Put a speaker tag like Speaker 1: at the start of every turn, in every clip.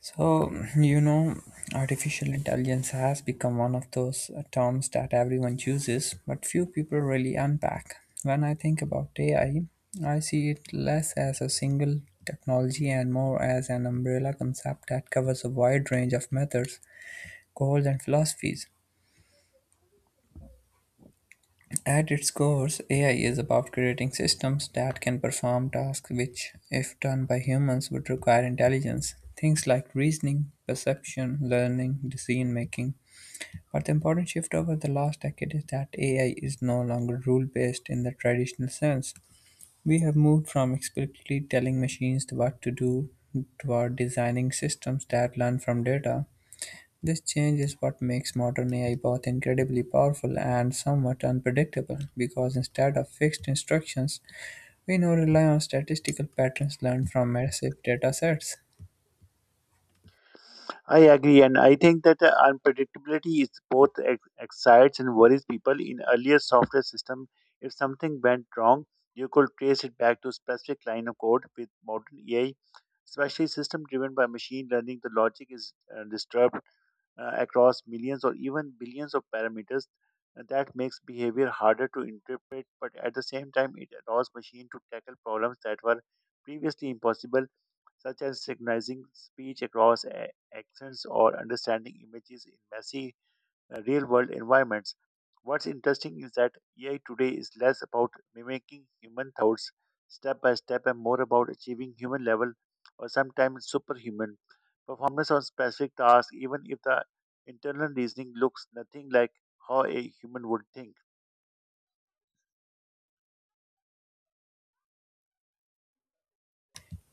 Speaker 1: So, you know, artificial intelligence has become one of those terms that everyone chooses, but few people really unpack. When I think about AI, I see it less as a single technology and more as an umbrella concept that covers a wide range of methods, goals, and philosophies. At its core, AI is about creating systems that can perform tasks which, if done by humans, would require intelligence. Things like reasoning, perception, learning, decision making. But the important shift over the last decade is that AI is no longer rule based in the traditional sense. We have moved from explicitly telling machines what to do toward designing systems that learn from data. This change is what makes modern AI both incredibly powerful and somewhat unpredictable because instead of fixed instructions, we now rely on statistical patterns learned from massive data sets.
Speaker 2: I agree, and I think that unpredictability is both excites and worries people. In earlier software system, if something went wrong, you could trace it back to specific line of code. With modern AI, especially system driven by machine learning, the logic is disturbed across millions or even billions of parameters, and that makes behavior harder to interpret, but at the same time it allows machines to tackle problems that were previously impossible, such as recognizing speech across accents or understanding images in messy real world environments. What's interesting is that AI today is less about mimicking human thoughts step by step and more about achieving human level or sometimes superhuman performance on specific tasks, even if the internal reasoning looks nothing like how a human would think.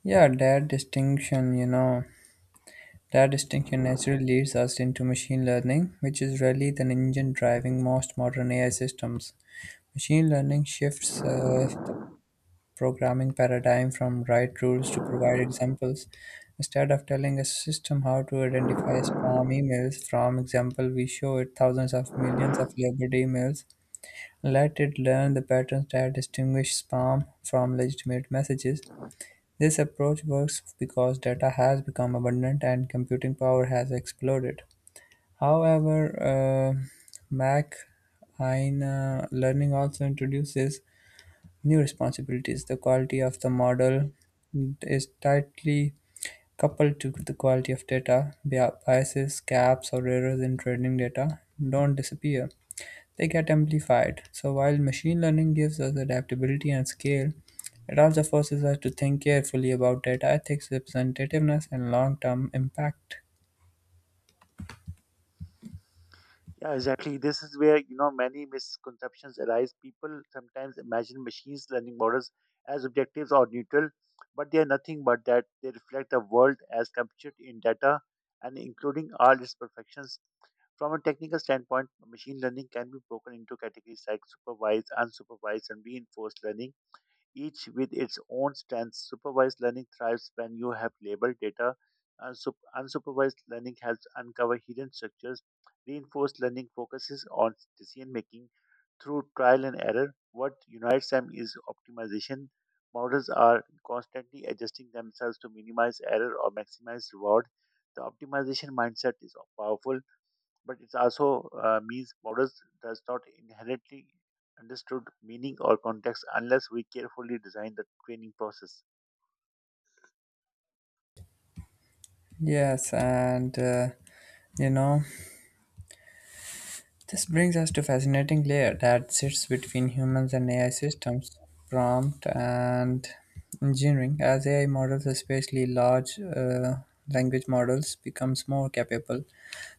Speaker 1: Yeah, that distinction, you know, that distinction naturally leads us into machine learning, which is really the engine driving most modern AI systems. Machine learning shifts the programming paradigm from write rules to provide examples. Instead of telling a system how to identify spam emails from example, we show it thousands of millions of labeled emails. Let it learn the patterns that distinguish spam from legitimate messages. This approach works because data has become abundant and computing power has exploded. However, uh, MacAina learning also introduces new responsibilities. The quality of the model is tightly coupled to the quality of data. Biases, gaps, or errors in training data don't disappear, they get amplified. So, while machine learning gives us adaptability and scale, it also forces us to think carefully about data ethics, representativeness, and long term impact.
Speaker 2: Yeah, exactly. This is where many misconceptions arise. People sometimes imagine machines learning models as objectives or neutral, but they are nothing but that. They reflect the world as captured in data, and including all its perfections. From a technical standpoint, machine learning can be broken into categories like supervised, unsupervised, and reinforced learning, each with its own strengths. Supervised learning thrives when you have labeled data, and unsupervised learning helps uncover hidden structures. Reinforced learning focuses on decision making through trial and error. What unites them is optimization. Models are constantly adjusting themselves to minimize error or maximize reward. The optimization mindset is powerful, but it also means models does not inherently understood meaning or context unless we carefully design the training process.
Speaker 1: Yes, and you know. This brings us to fascinating layer that sits between humans and AI systems, prompt and engineering. As AI models, especially large language models, becomes more capable,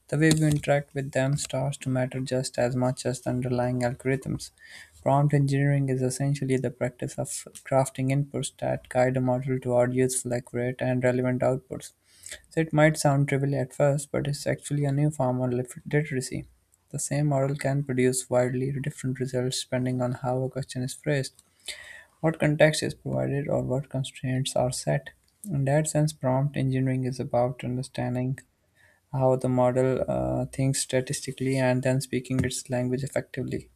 Speaker 1: the way we interact with them starts to matter just as much as the underlying algorithms. Prompt engineering is essentially the practice of crafting inputs that guide a model toward useful, accurate, and relevant outputs. So it might sound trivial at first, but it's actually a new form of literacy. The same model can produce widely different results depending on how a question is phrased, what context is provided, or what constraints are set. In that sense, prompt engineering is about understanding how the model thinks statistically and then speaking its language effectively.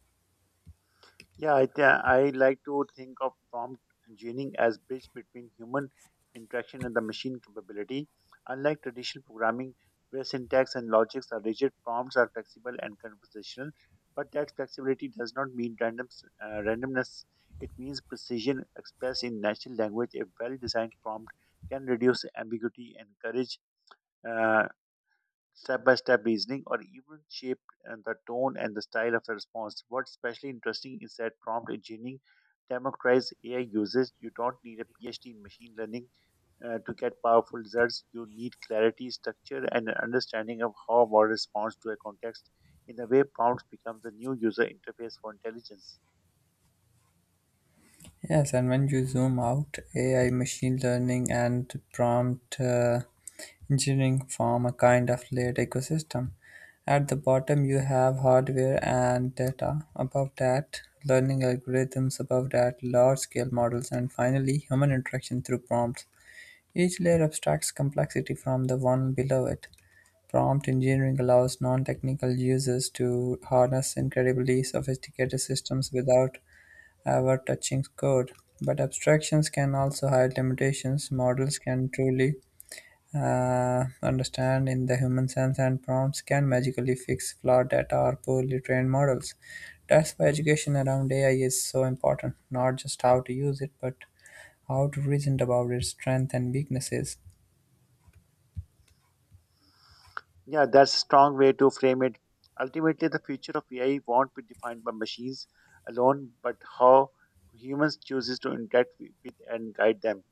Speaker 2: I like to think of prompt engineering as bridge between human interaction and the machine capability. Unlike traditional programming, where syntax and logics are rigid, prompts are flexible and conversational. But that flexibility does not mean randomness. It means precision expressed in natural language. A well-designed prompt can reduce ambiguity, encourage uh, step by step reasoning, or even shaped the tone and the style of a response. What's especially interesting is that prompt engineering democratized AI uses. You don't need a PhD in machine learning to get powerful results. You need clarity, structure, and an understanding of how a model responds to a context. In a way, prompts becomes the new user interface for intelligence.
Speaker 1: Yes, and when you zoom out, AI, machine learning, and prompt engineering form a kind of layered ecosystem. At the bottom, you have hardware and data. Above that, learning algorithms. Above that, large scale models. And finally, human interaction through prompts. Each layer abstracts complexity from the one below it. Prompt engineering allows non-technical users to harness incredibly sophisticated systems without ever touching code. But abstractions can also hide limitations. Models can truly understand in the human sense, and prompts can magically fix flawed data or poorly trained models. That's why education around AI is so important, not just how to use it, but how to reason about its strengths and weaknesses.
Speaker 2: Yeah, that's a strong way to frame it. Ultimately, the future of AI won't be defined by machines alone, but how humans chooses to interact with and guide them.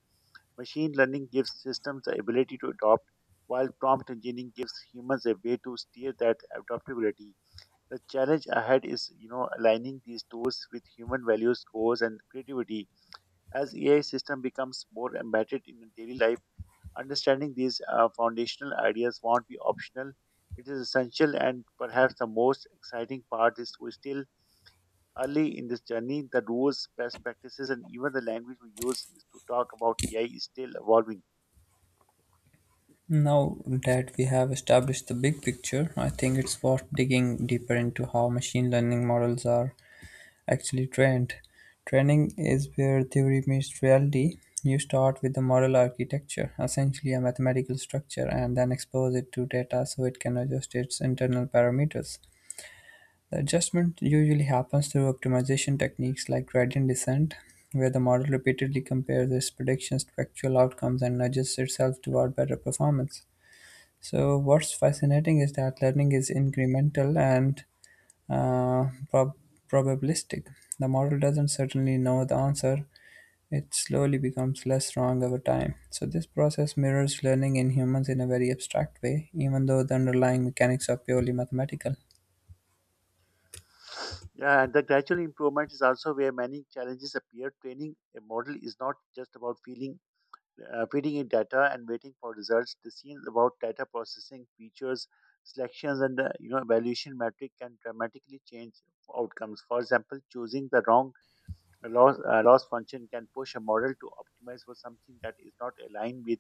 Speaker 2: Machine learning gives systems the ability to adopt, while prompt engineering gives humans a way to steer that adaptability. The challenge ahead is, aligning these tools with human values, goals, and creativity. As AI system becomes more embedded in daily life, understanding these foundational ideas won't be optional. It is essential, and perhaps the most exciting part is we're still early in this journey. The rules, best practices, and even the language we use is to talk about AI is still evolving.
Speaker 1: Now that we have established the big picture, I think it's worth digging deeper into how machine learning models are actually trained. Training is where theory meets reality. You start with the model architecture, essentially a mathematical structure, and then expose it to data so it can adjust its internal parameters. The adjustment usually happens through optimization techniques like gradient descent, where the model repeatedly compares its predictions to actual outcomes and adjusts itself toward better performance. So, what's fascinating is that learning is incremental and uh, prob- probabilistic. The model doesn't certainly know the answer, it slowly becomes less wrong over time. So, this process mirrors learning in humans in a very abstract way, even though the underlying mechanics are purely mathematical.
Speaker 2: Yeah, and the gradual improvement is also where many challenges appear. Training a model is not just about feeling feeding in data and waiting for results. The scenes about data processing features, selections, and the evaluation metric can dramatically change outcomes. For example, choosing the wrong loss function can push a model to optimize for something that is not aligned with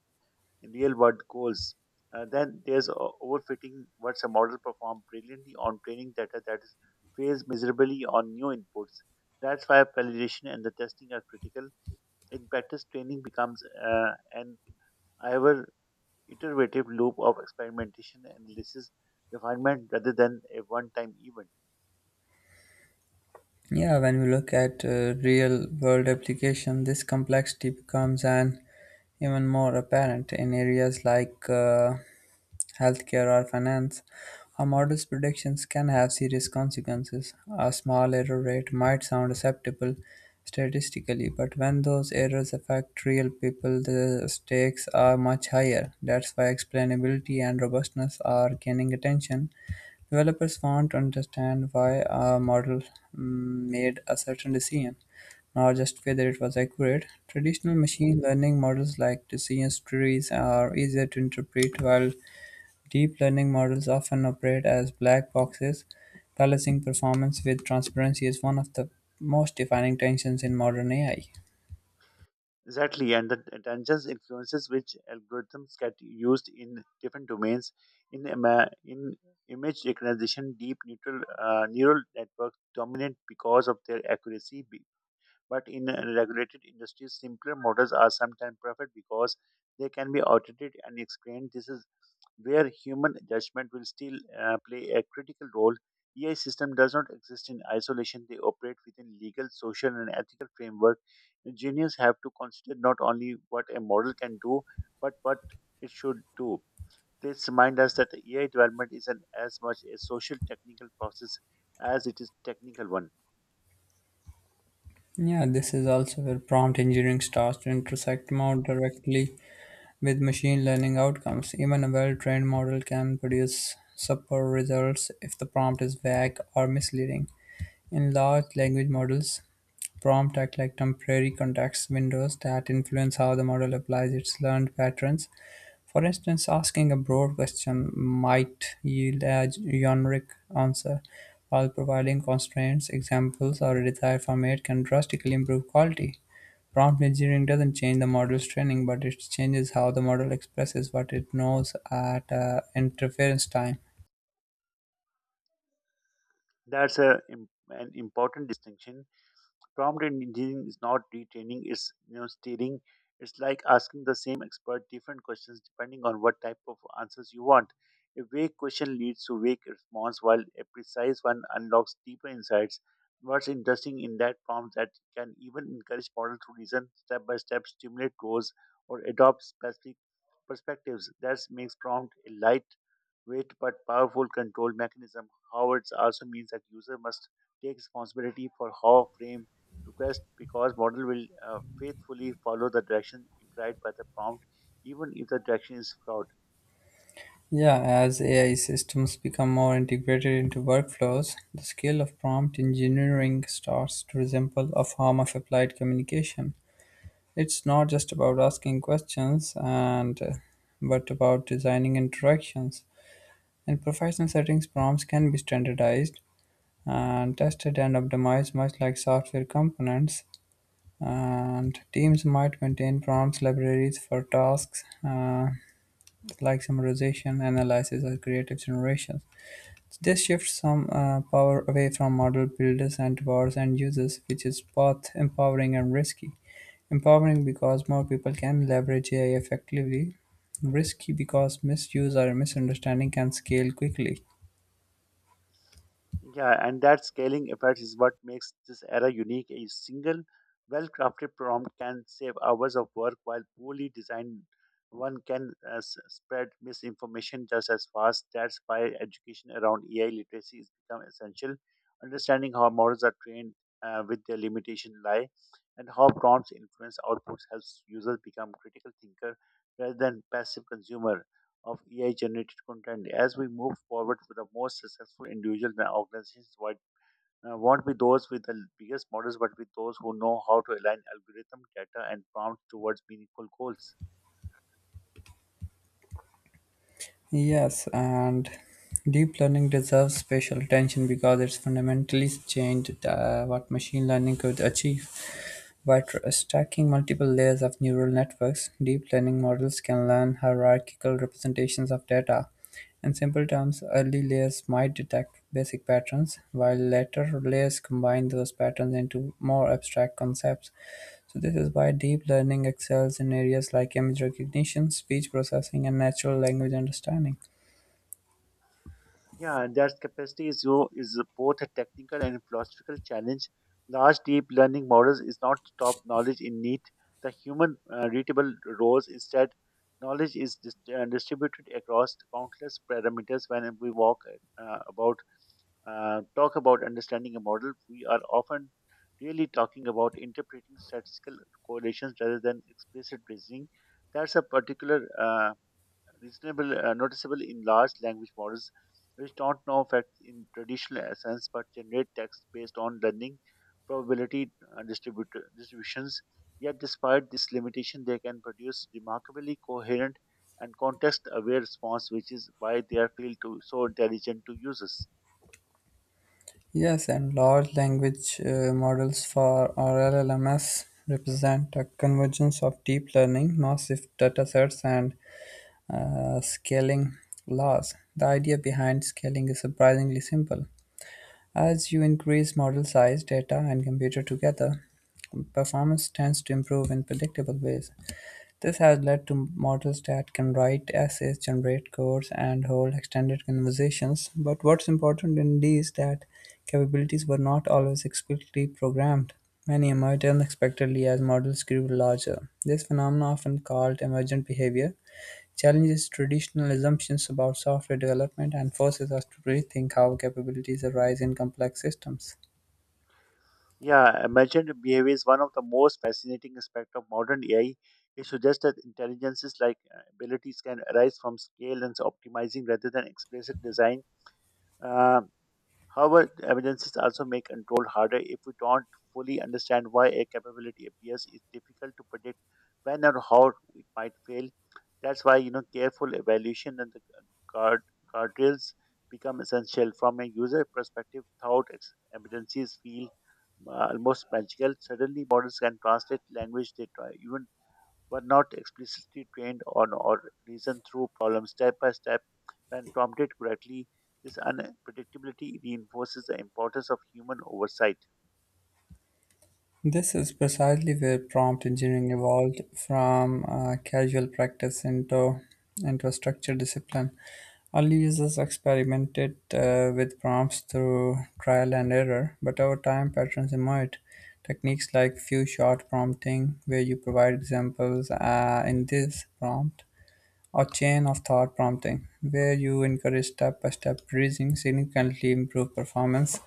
Speaker 2: real world goals. Then there's overfitting. What's a model performed brilliantly on training data that is fails miserably on new inputs. That's why validation and the testing are critical. In practice, training becomes an our iterative loop of experimentation, analysis, refinement rather than a one time event.
Speaker 1: Yeah, when we look at real world application, this complexity becomes an even more apparent in areas like healthcare or finance. A model's predictions can have serious consequences. A small error rate might sound acceptable statistically, but when those errors affect real people, the stakes are much higher. That's why explainability and robustness are gaining attention. Developers want to understand why a model made a certain decision, not just whether it was accurate. Traditional machine learning models like decision trees are easier to interpret, while deep learning models often operate as black boxes. Balancing performance with transparency is one of the most defining tensions in modern AI.
Speaker 2: Exactly, and the attention influences which algorithms get used in different domains. In image recognition, neural networks dominate because of their accuracy, but in regulated industries, simpler models are sometimes preferred because they can be audited and explained. This is where human judgment will still play a critical role. AI system does not exist in isolation. They operate within legal, social, and ethical framework. Engineers have to consider not only what a model can do, but what it should do. This reminds us that AI development isn't as much a social technical process as it is technical one.
Speaker 1: Yeah, this is also where prompt engineering starts to intersect more directly with machine learning outcomes. Even a well-trained model can produce subpar results if the prompt is vague or misleading. In large language models, prompts act like temporary context windows that influence how the model applies its learned patterns. For instance, asking a broad question might yield a generic answer, while providing constraints, examples, or a desired format can drastically improve quality. Prompt engineering doesn't change the model's training, but it changes how the model expresses what it knows at inference time.
Speaker 2: That's an important distinction. Prompt engineering is not retraining, it's steering. It's like asking the same expert different questions depending on what type of answers you want. A vague question leads to vague response, while a precise one unlocks deeper insights. What's interesting in that prompt that can even encourage models to reason step by step, stimulate goals, or adopt specific perspectives. That makes prompt a light weight but powerful control mechanism. However, it also means that user must take responsibility for how framed request because model will faithfully follow the direction implied by the prompt even if the direction is flawed.
Speaker 1: Yeah, as AI systems become more integrated into workflows, the skill of prompt engineering starts to resemble a form of applied communication. It's not just about asking questions and but about designing interactions. In professional settings, prompts can be standardized and tested and optimized much like software components, and teams might maintain prompts libraries for tasks like summarization, analysis, or creative generation. This shifts some power away from model builders and towards end users, which is both empowering and risky. Empowering because more people can leverage AI effectively, risky because misuse or misunderstanding can scale quickly.
Speaker 2: Yeah, and that scaling effect is what makes this era unique. A single, well crafted prompt can save hours of work, while poorly designed one can spread misinformation just as fast. That's why education around AI literacy has become essential. Understanding how models are trained with their limitation lie and how prompts influence outputs helps users become critical thinker rather than passive consumer of AI generated content. As we move forward, the most successful individuals and organizations won't be those with the biggest models, but with those who know how to align algorithm, data, and prompts towards meaningful goals.
Speaker 1: Yes, and deep learning deserves special attention because it's fundamentally changed what machine learning could achieve. By stacking multiple layers of neural networks, deep learning models can learn hierarchical representations of data. In simple terms, early layers might detect basic patterns, while later layers combine those patterns into more abstract concepts. So, this is why deep learning excels in areas like image recognition, speech processing, and natural language understanding.
Speaker 2: Yeah, and that capacity is, you is both a technical and philosophical challenge. Large deep learning models is not top knowledge in need. The human readable rows instead knowledge is distributed across countless parameters when we walk about talk about understanding a model, we are often really talking about interpreting statistical correlations rather than explicit reasoning. That's a particular reasonable noticeable in large language models, which don't know facts in traditional sense but generate text based on learning probability distributions. Yet, despite this limitation, they can produce remarkably coherent and context-aware response, which is why they are feel to so intelligent to users.
Speaker 1: Yes, and large language models for or LLMS represent a convergence of deep learning, massive datasets, and scaling laws. The idea behind scaling is surprisingly simple. As you increase model size, data, and computer together, performance tends to improve in predictable ways. This has led to models that can write essays, generate codes, and hold extended conversations. But what's important in these that capabilities were not always explicitly programmed. Many emerged unexpectedly as models grew larger. This phenomenon, often called emergent behavior, challenges traditional assumptions about software development and forces us to rethink how capabilities arise in complex systems.
Speaker 2: Yeah, emergent behavior is one of the most fascinating aspects of modern AI. It suggests that intelligences like abilities can arise from scale and optimizing rather than explicit design. Uh, However, the evidences also make control harder. If we don't fully understand why a capability appears, it's difficult to predict when or how it might fail. That's why careful evaluation and the guard guardrails become essential. From a user perspective, evidences feel almost magical. Suddenly, models can translate language they try, even were not explicitly trained on or reasoned through problems step by step. When prompted correctly, this unpredictability reinforces the importance of human oversight.
Speaker 1: This is precisely where prompt engineering evolved from casual practice into a structured discipline. Early users experimented with prompts through trial and error, but over time patterns emerged. Techniques like few shot prompting, where you provide examples in this prompt, or chain of thought prompting, where you encourage step by step reasoning, significantly improve performance.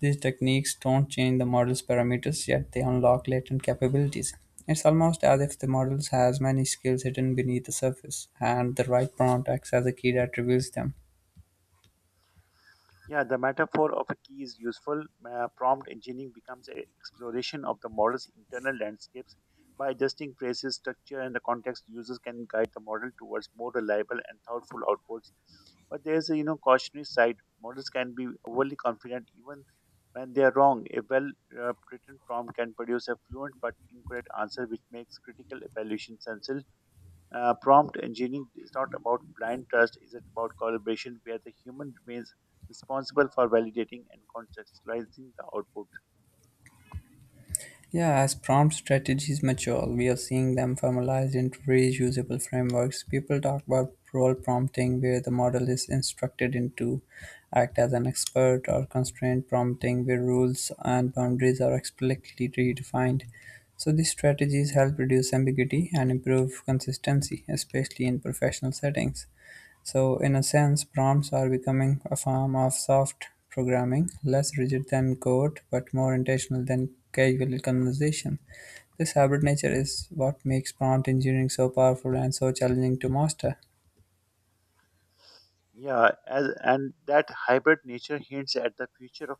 Speaker 1: These techniques don't change the model's parameters, yet they unlock latent capabilities. It's almost as if the model has many skills hidden beneath the surface, and the right prompt acts as a key that reveals them.
Speaker 2: Yeah, the metaphor of a key is useful. Prompt engineering becomes an exploration of the model's internal landscapes. By adjusting phrases, structure, and the context, users can guide the model towards more reliable and thoughtful outputs. But there's a cautionary side. Models can be overly confident even when they are wrong. A well-written prompt can produce a fluent but incorrect answer, which makes critical evaluation sensible. Prompt engineering is not about blind trust, it's about collaboration where the human remains responsible for validating and contextualizing the output.
Speaker 1: Yeah, as prompt strategies mature, we are seeing them formalized into reusable frameworks. People talk about role prompting, where the model is instructed into act as an expert, or constraint prompting, where rules and boundaries are explicitly redefined. So, these strategies help reduce ambiguity and improve consistency, especially in professional settings. So, in a sense, prompts are becoming a form of soft programming, less rigid than code, but more intentional than casual conversation. This hybrid nature is what makes prompt engineering so powerful and so challenging to master.
Speaker 2: And that hybrid nature hints at the future of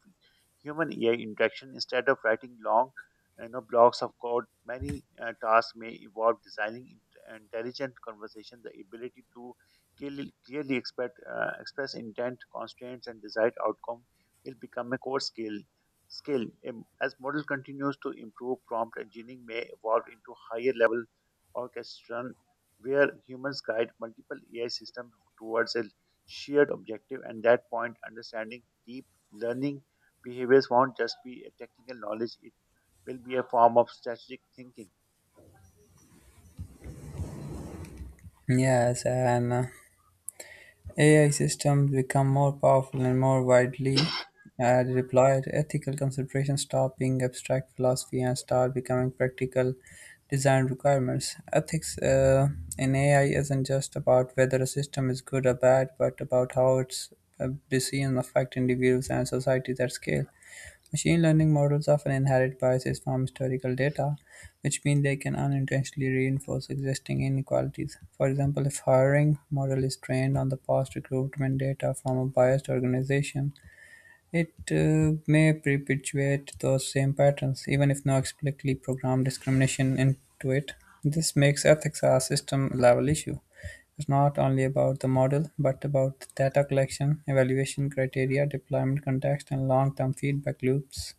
Speaker 2: human AI interaction. Instead of writing long, blocks of code, many tasks may evolve designing intelligent conversation. The ability to clearly express intent, constraints, and desired outcome will become a core skill. As model continues to improve, prompt engineering may evolve into higher level orchestration, where humans guide multiple AI systems towards a shared objective, and that point understanding deep learning behaviors won't just be a technical knowledge, it will be a form of strategic thinking.
Speaker 1: Yes, and AI systems become more powerful and more widely deployed, ethical considerations stop being abstract philosophy and start becoming practical design requirements. Ethics in AI isn't just about whether a system is good or bad, but about how its decisions affect individuals and societies at scale. Machine learning models often inherit biases from historical data, which means they can unintentionally reinforce existing inequalities. For example, if hiring model is trained on the past recruitment data from a biased organization, it may perpetuate those same patterns, even if no explicitly programmed discrimination into it. This makes ethics a system level issue. It's not only about the model, but about data collection, evaluation criteria, deployment context, and long term feedback loops.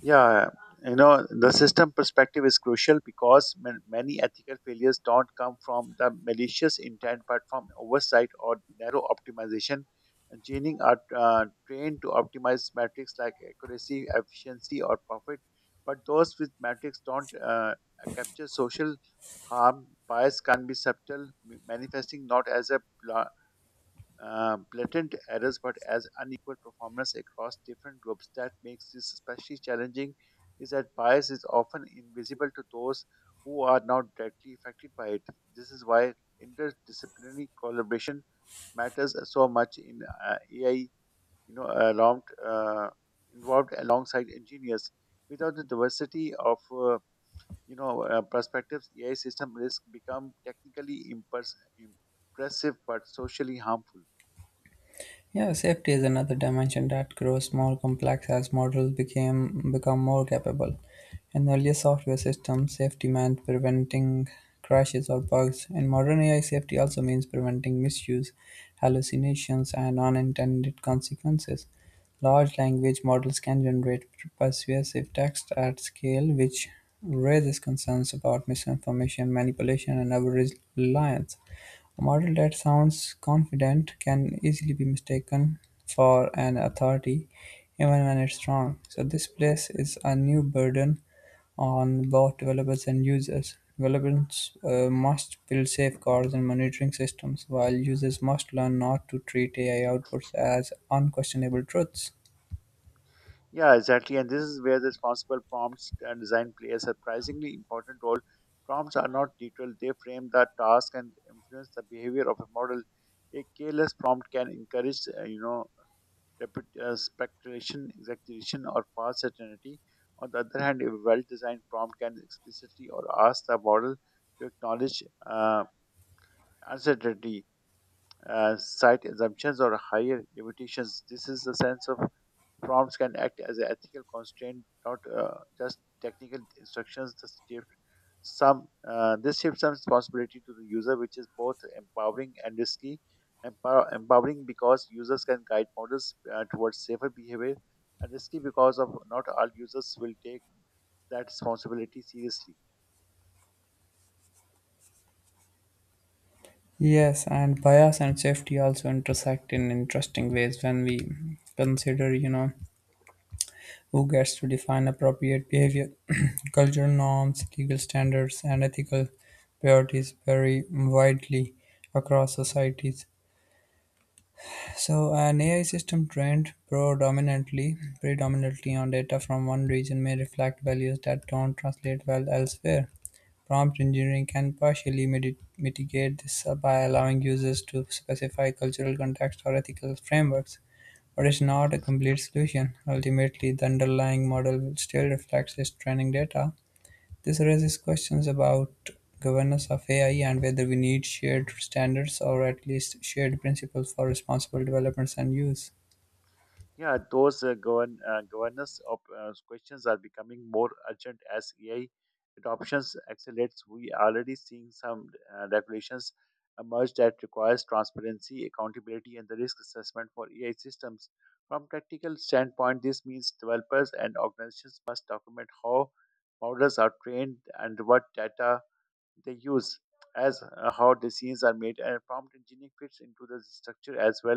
Speaker 2: Yeah, you know, the system perspective is crucial because many ethical failures don't come from the malicious intent but from oversight or narrow optimization. Engineering are trained to optimize metrics like accuracy, efficiency, or profit, but those with metrics don't capture social harm. Bias can be subtle, manifesting not as a blatant errors but as unequal performance across different groups. That makes this especially challenging is that bias is often invisible to those who are not directly affected by it. This is why interdisciplinary collaboration matters so much in AI, you know, alarmed, uh, involved alongside engineers. Without the diversity of perspectives, AI system risk become technically impressive but socially harmful.
Speaker 1: Yeah, safety is another dimension that grows more complex as models became become more capable. In earlier software systems, safety meant preventing crashes or bugs. In modern AI, safety also means preventing misuse, hallucinations, and unintended consequences. Large language models can generate persuasive text at scale, which raises concerns about misinformation, manipulation, and over reliance. A model that sounds confident can easily be mistaken for an authority, even when it's wrong. So, this place is a new burden on both developers and users. Developers must build safeguards and monitoring systems, while users must learn not to treat AI outputs as unquestionable truths.
Speaker 2: Yeah, exactly. And this is where the responsible prompts and design play a surprisingly important role. Prompts are not neutral, they frame the task and influence the behavior of a model. A careless prompt can encourage, rapid speculation, exaggeration, or false certainty. On the other hand, a well-designed prompt can explicitly or ask the model to acknowledge uh, uncertainty, cite assumptions, or higher limitations. This is the sense of prompts can act as an ethical constraint, not just technical instructions. This shifts some responsibility to the user, which is both empowering and risky. Empowering because users can guide models towards safer behavior, and risky because of not all users will take that responsibility seriously.
Speaker 1: Yes, and bias and safety also intersect in interesting ways when we consider, who gets to define appropriate behavior. Cultural norms, legal standards, and ethical priorities vary widely across societies. So, an AI system trained predominantly on data from one region may reflect values that don't translate well elsewhere. Prompt engineering can partially mitigate this by allowing users to specify cultural context or ethical frameworks. But it's not a complete solution. Ultimately, the underlying model will still reflects its training data. This raises questions about governance of AI and whether we need shared standards or at least shared principles for responsible developments and use.
Speaker 2: Yeah, those governance of, questions are becoming more urgent as AI adoptions accelerates. We are already seeing some regulations emerge that requires transparency, accountability, and the risk assessment for AI systems. From practical standpoint, this means developers and organizations must document how models are trained and what data they use, as how decisions are made, and prompt engineering fits into the structure as well.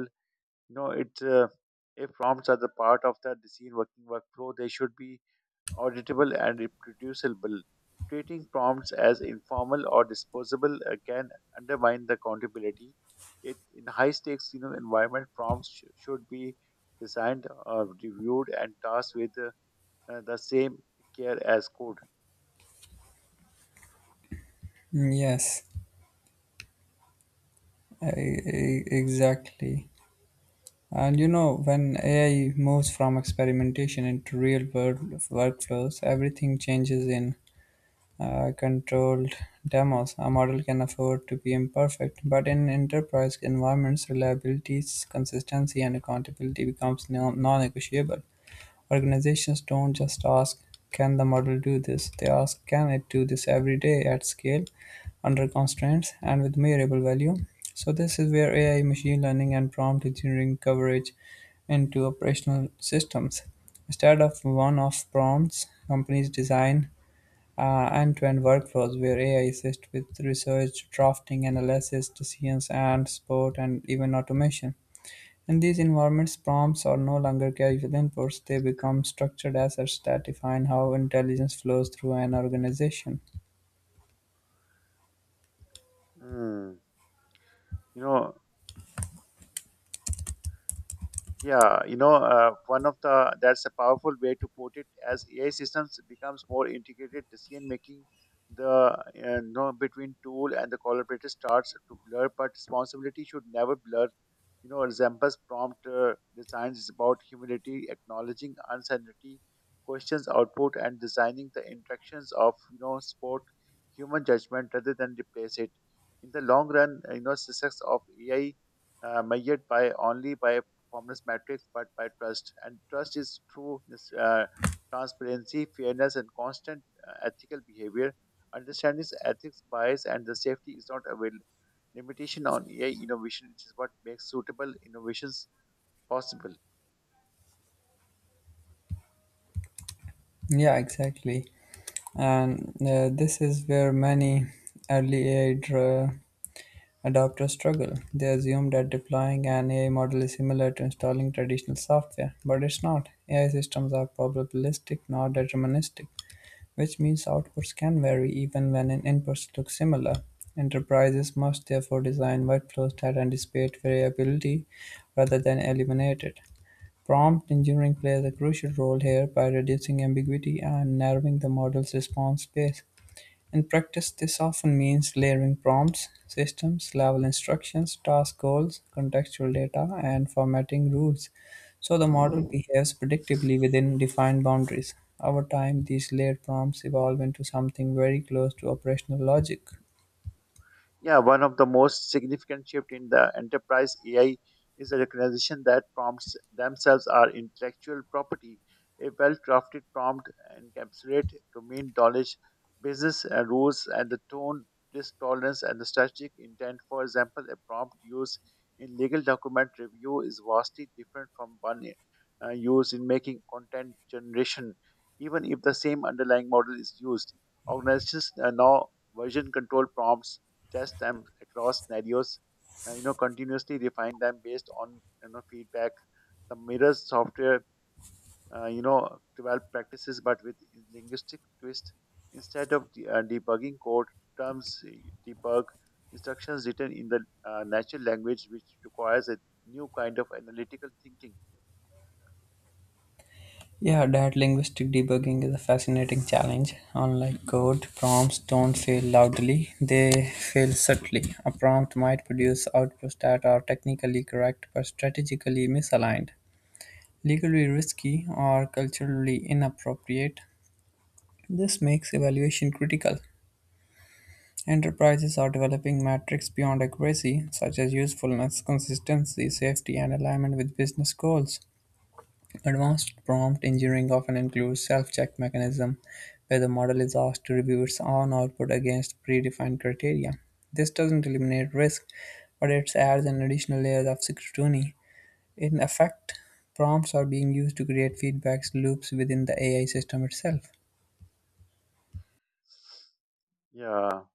Speaker 2: You know it's If prompts are the part of the design working workflow, they should be auditable and reproducible. Treating prompts as informal or disposable can undermine the accountability. It in high stakes, you know, environment prompts should be designed, reviewed and tasked with the same care as code.
Speaker 1: Mm, yes, exactly. And when AI moves from experimentation into real world workflows, everything changes in controlled demos. A model can afford to be imperfect, but in enterprise environments, reliability, consistency, and accountability becomes non-negotiable. Organizations don't just ask, "Can the model do this?" They ask, "Can it do this every day at scale, under constraints, and with measurable value?" So this is where AI, machine learning, and prompt engineering coverage into operational systems. Instead of one-off prompts, companies design end-to-end workflows where AI assists with research, drafting, analysis, decisions, and support, and even automation. In these environments, prompts are no longer casual inputs; they become structured assets that define how intelligence flows through an organization.
Speaker 2: Hmm. you know Yeah, you know, one of the that's a powerful way to put it. As AI systems becomes more integrated, decision making, the between tool and the collaborator starts to blur. But responsibility should never blur. You know, resembles prompt designs is about humility, acknowledging uncertainty, questions output, and designing the interactions of, you know, sport human judgment rather than replace it. In the long run, success of AI measured by only by performance metrics but by trust. And trust is through this, transparency, fairness, and constant ethical behavior. Understanding ethics, bias, and the safety is not a limitation on AI innovation. It is what makes suitable innovations possible.
Speaker 1: Yeah, exactly. And this is where many early AI adopters struggle; they assume that deploying an AI model is similar to installing traditional software, but it's not. AI systems are probabilistic, not deterministic, which means outputs can vary even when inputs look similar. Enterprises must therefore design workflows that anticipate variability rather than eliminate it. Prompt engineering plays a crucial role here by reducing ambiguity and narrowing the model's response space. In practice, this often means layering prompts, systems, level instructions, task goals, contextual data, and formatting rules so the model behaves predictably within defined boundaries. Over time, these layered prompts evolve into something very close to operational logic.
Speaker 2: Yeah, one of the most significant shift in the enterprise AI is the recognition that prompts themselves are intellectual property. A well-crafted prompt encapsulates domain knowledge, business rules, and the tone, risk tolerance, and the strategic intent. For example, a prompt used in legal document review is vastly different from one used in making content generation, even if the same underlying model is used. Organizations now version control prompts, test them across scenarios, you know, continuously refine them based on, you know, feedback. The mirrors software, you know, develop practices but with linguistic twist. Instead of debugging code, terms debug instructions written in the natural language, which requires a new kind of analytical thinking.
Speaker 1: Yeah, that linguistic debugging is a fascinating challenge. Unlike code, prompts don't fail loudly, they fail subtly. A prompt might produce outputs that are technically correct but strategically misaligned, legally risky, or culturally inappropriate. This makes evaluation critical. Enterprises are developing metrics beyond accuracy, such as usefulness, consistency, safety, and alignment with business goals. Advanced prompt engineering often includes self-check mechanism, where the model is asked to review its own output against predefined criteria. This doesn't eliminate risk, but it adds an additional layer of scrutiny. In effect, prompts are being used to create feedback loops within the AI system itself.
Speaker 2: Yeah.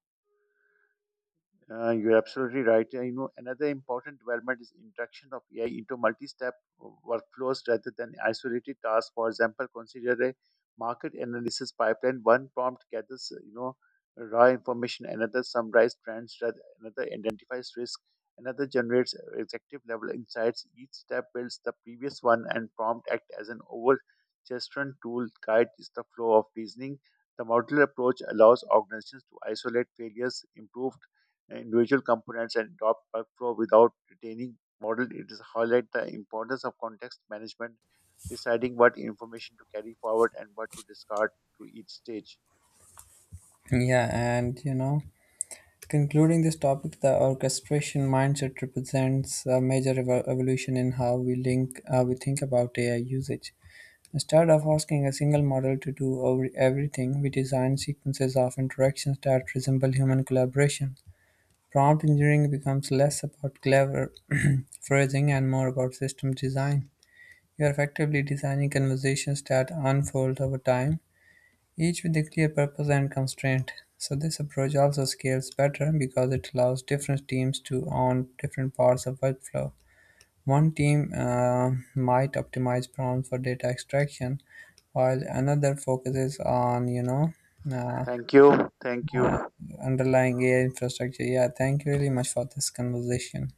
Speaker 2: You're absolutely right. You know, another important development is introduction of AI into multi-step workflows rather than isolated tasks. For example, consider a market analysis pipeline. One prompt gathers, raw information. Another summarizes trends. Another identifies risk. Another generates executive level insights. Each step builds the previous one, and prompt act as an overgesturing tool guides the flow of reasoning. The modular approach allows organizations to isolate failures, improve individual components and drop workflow without retaining model. It is highlight the importance of context management, deciding what information to carry forward and what to discard to each stage.
Speaker 1: Yeah, and concluding this topic, the orchestration mindset represents a major evolution in how we link, how we think about AI usage. Instead of asking a single model to do over everything, we design sequences of interactions that resemble human collaboration. Prompt engineering becomes less about clever phrasing and more about system design. You are effectively designing conversations that unfold over time, each with a clear purpose and constraint. So, this approach also scales better because it allows different teams to own different parts of workflow. One team might optimize prompts for data extraction, while another focuses on, uh,
Speaker 2: Thank you. Thank
Speaker 1: uh,
Speaker 2: you.
Speaker 1: underlying AI infrastructure. Yeah, thank you really much for this conversation.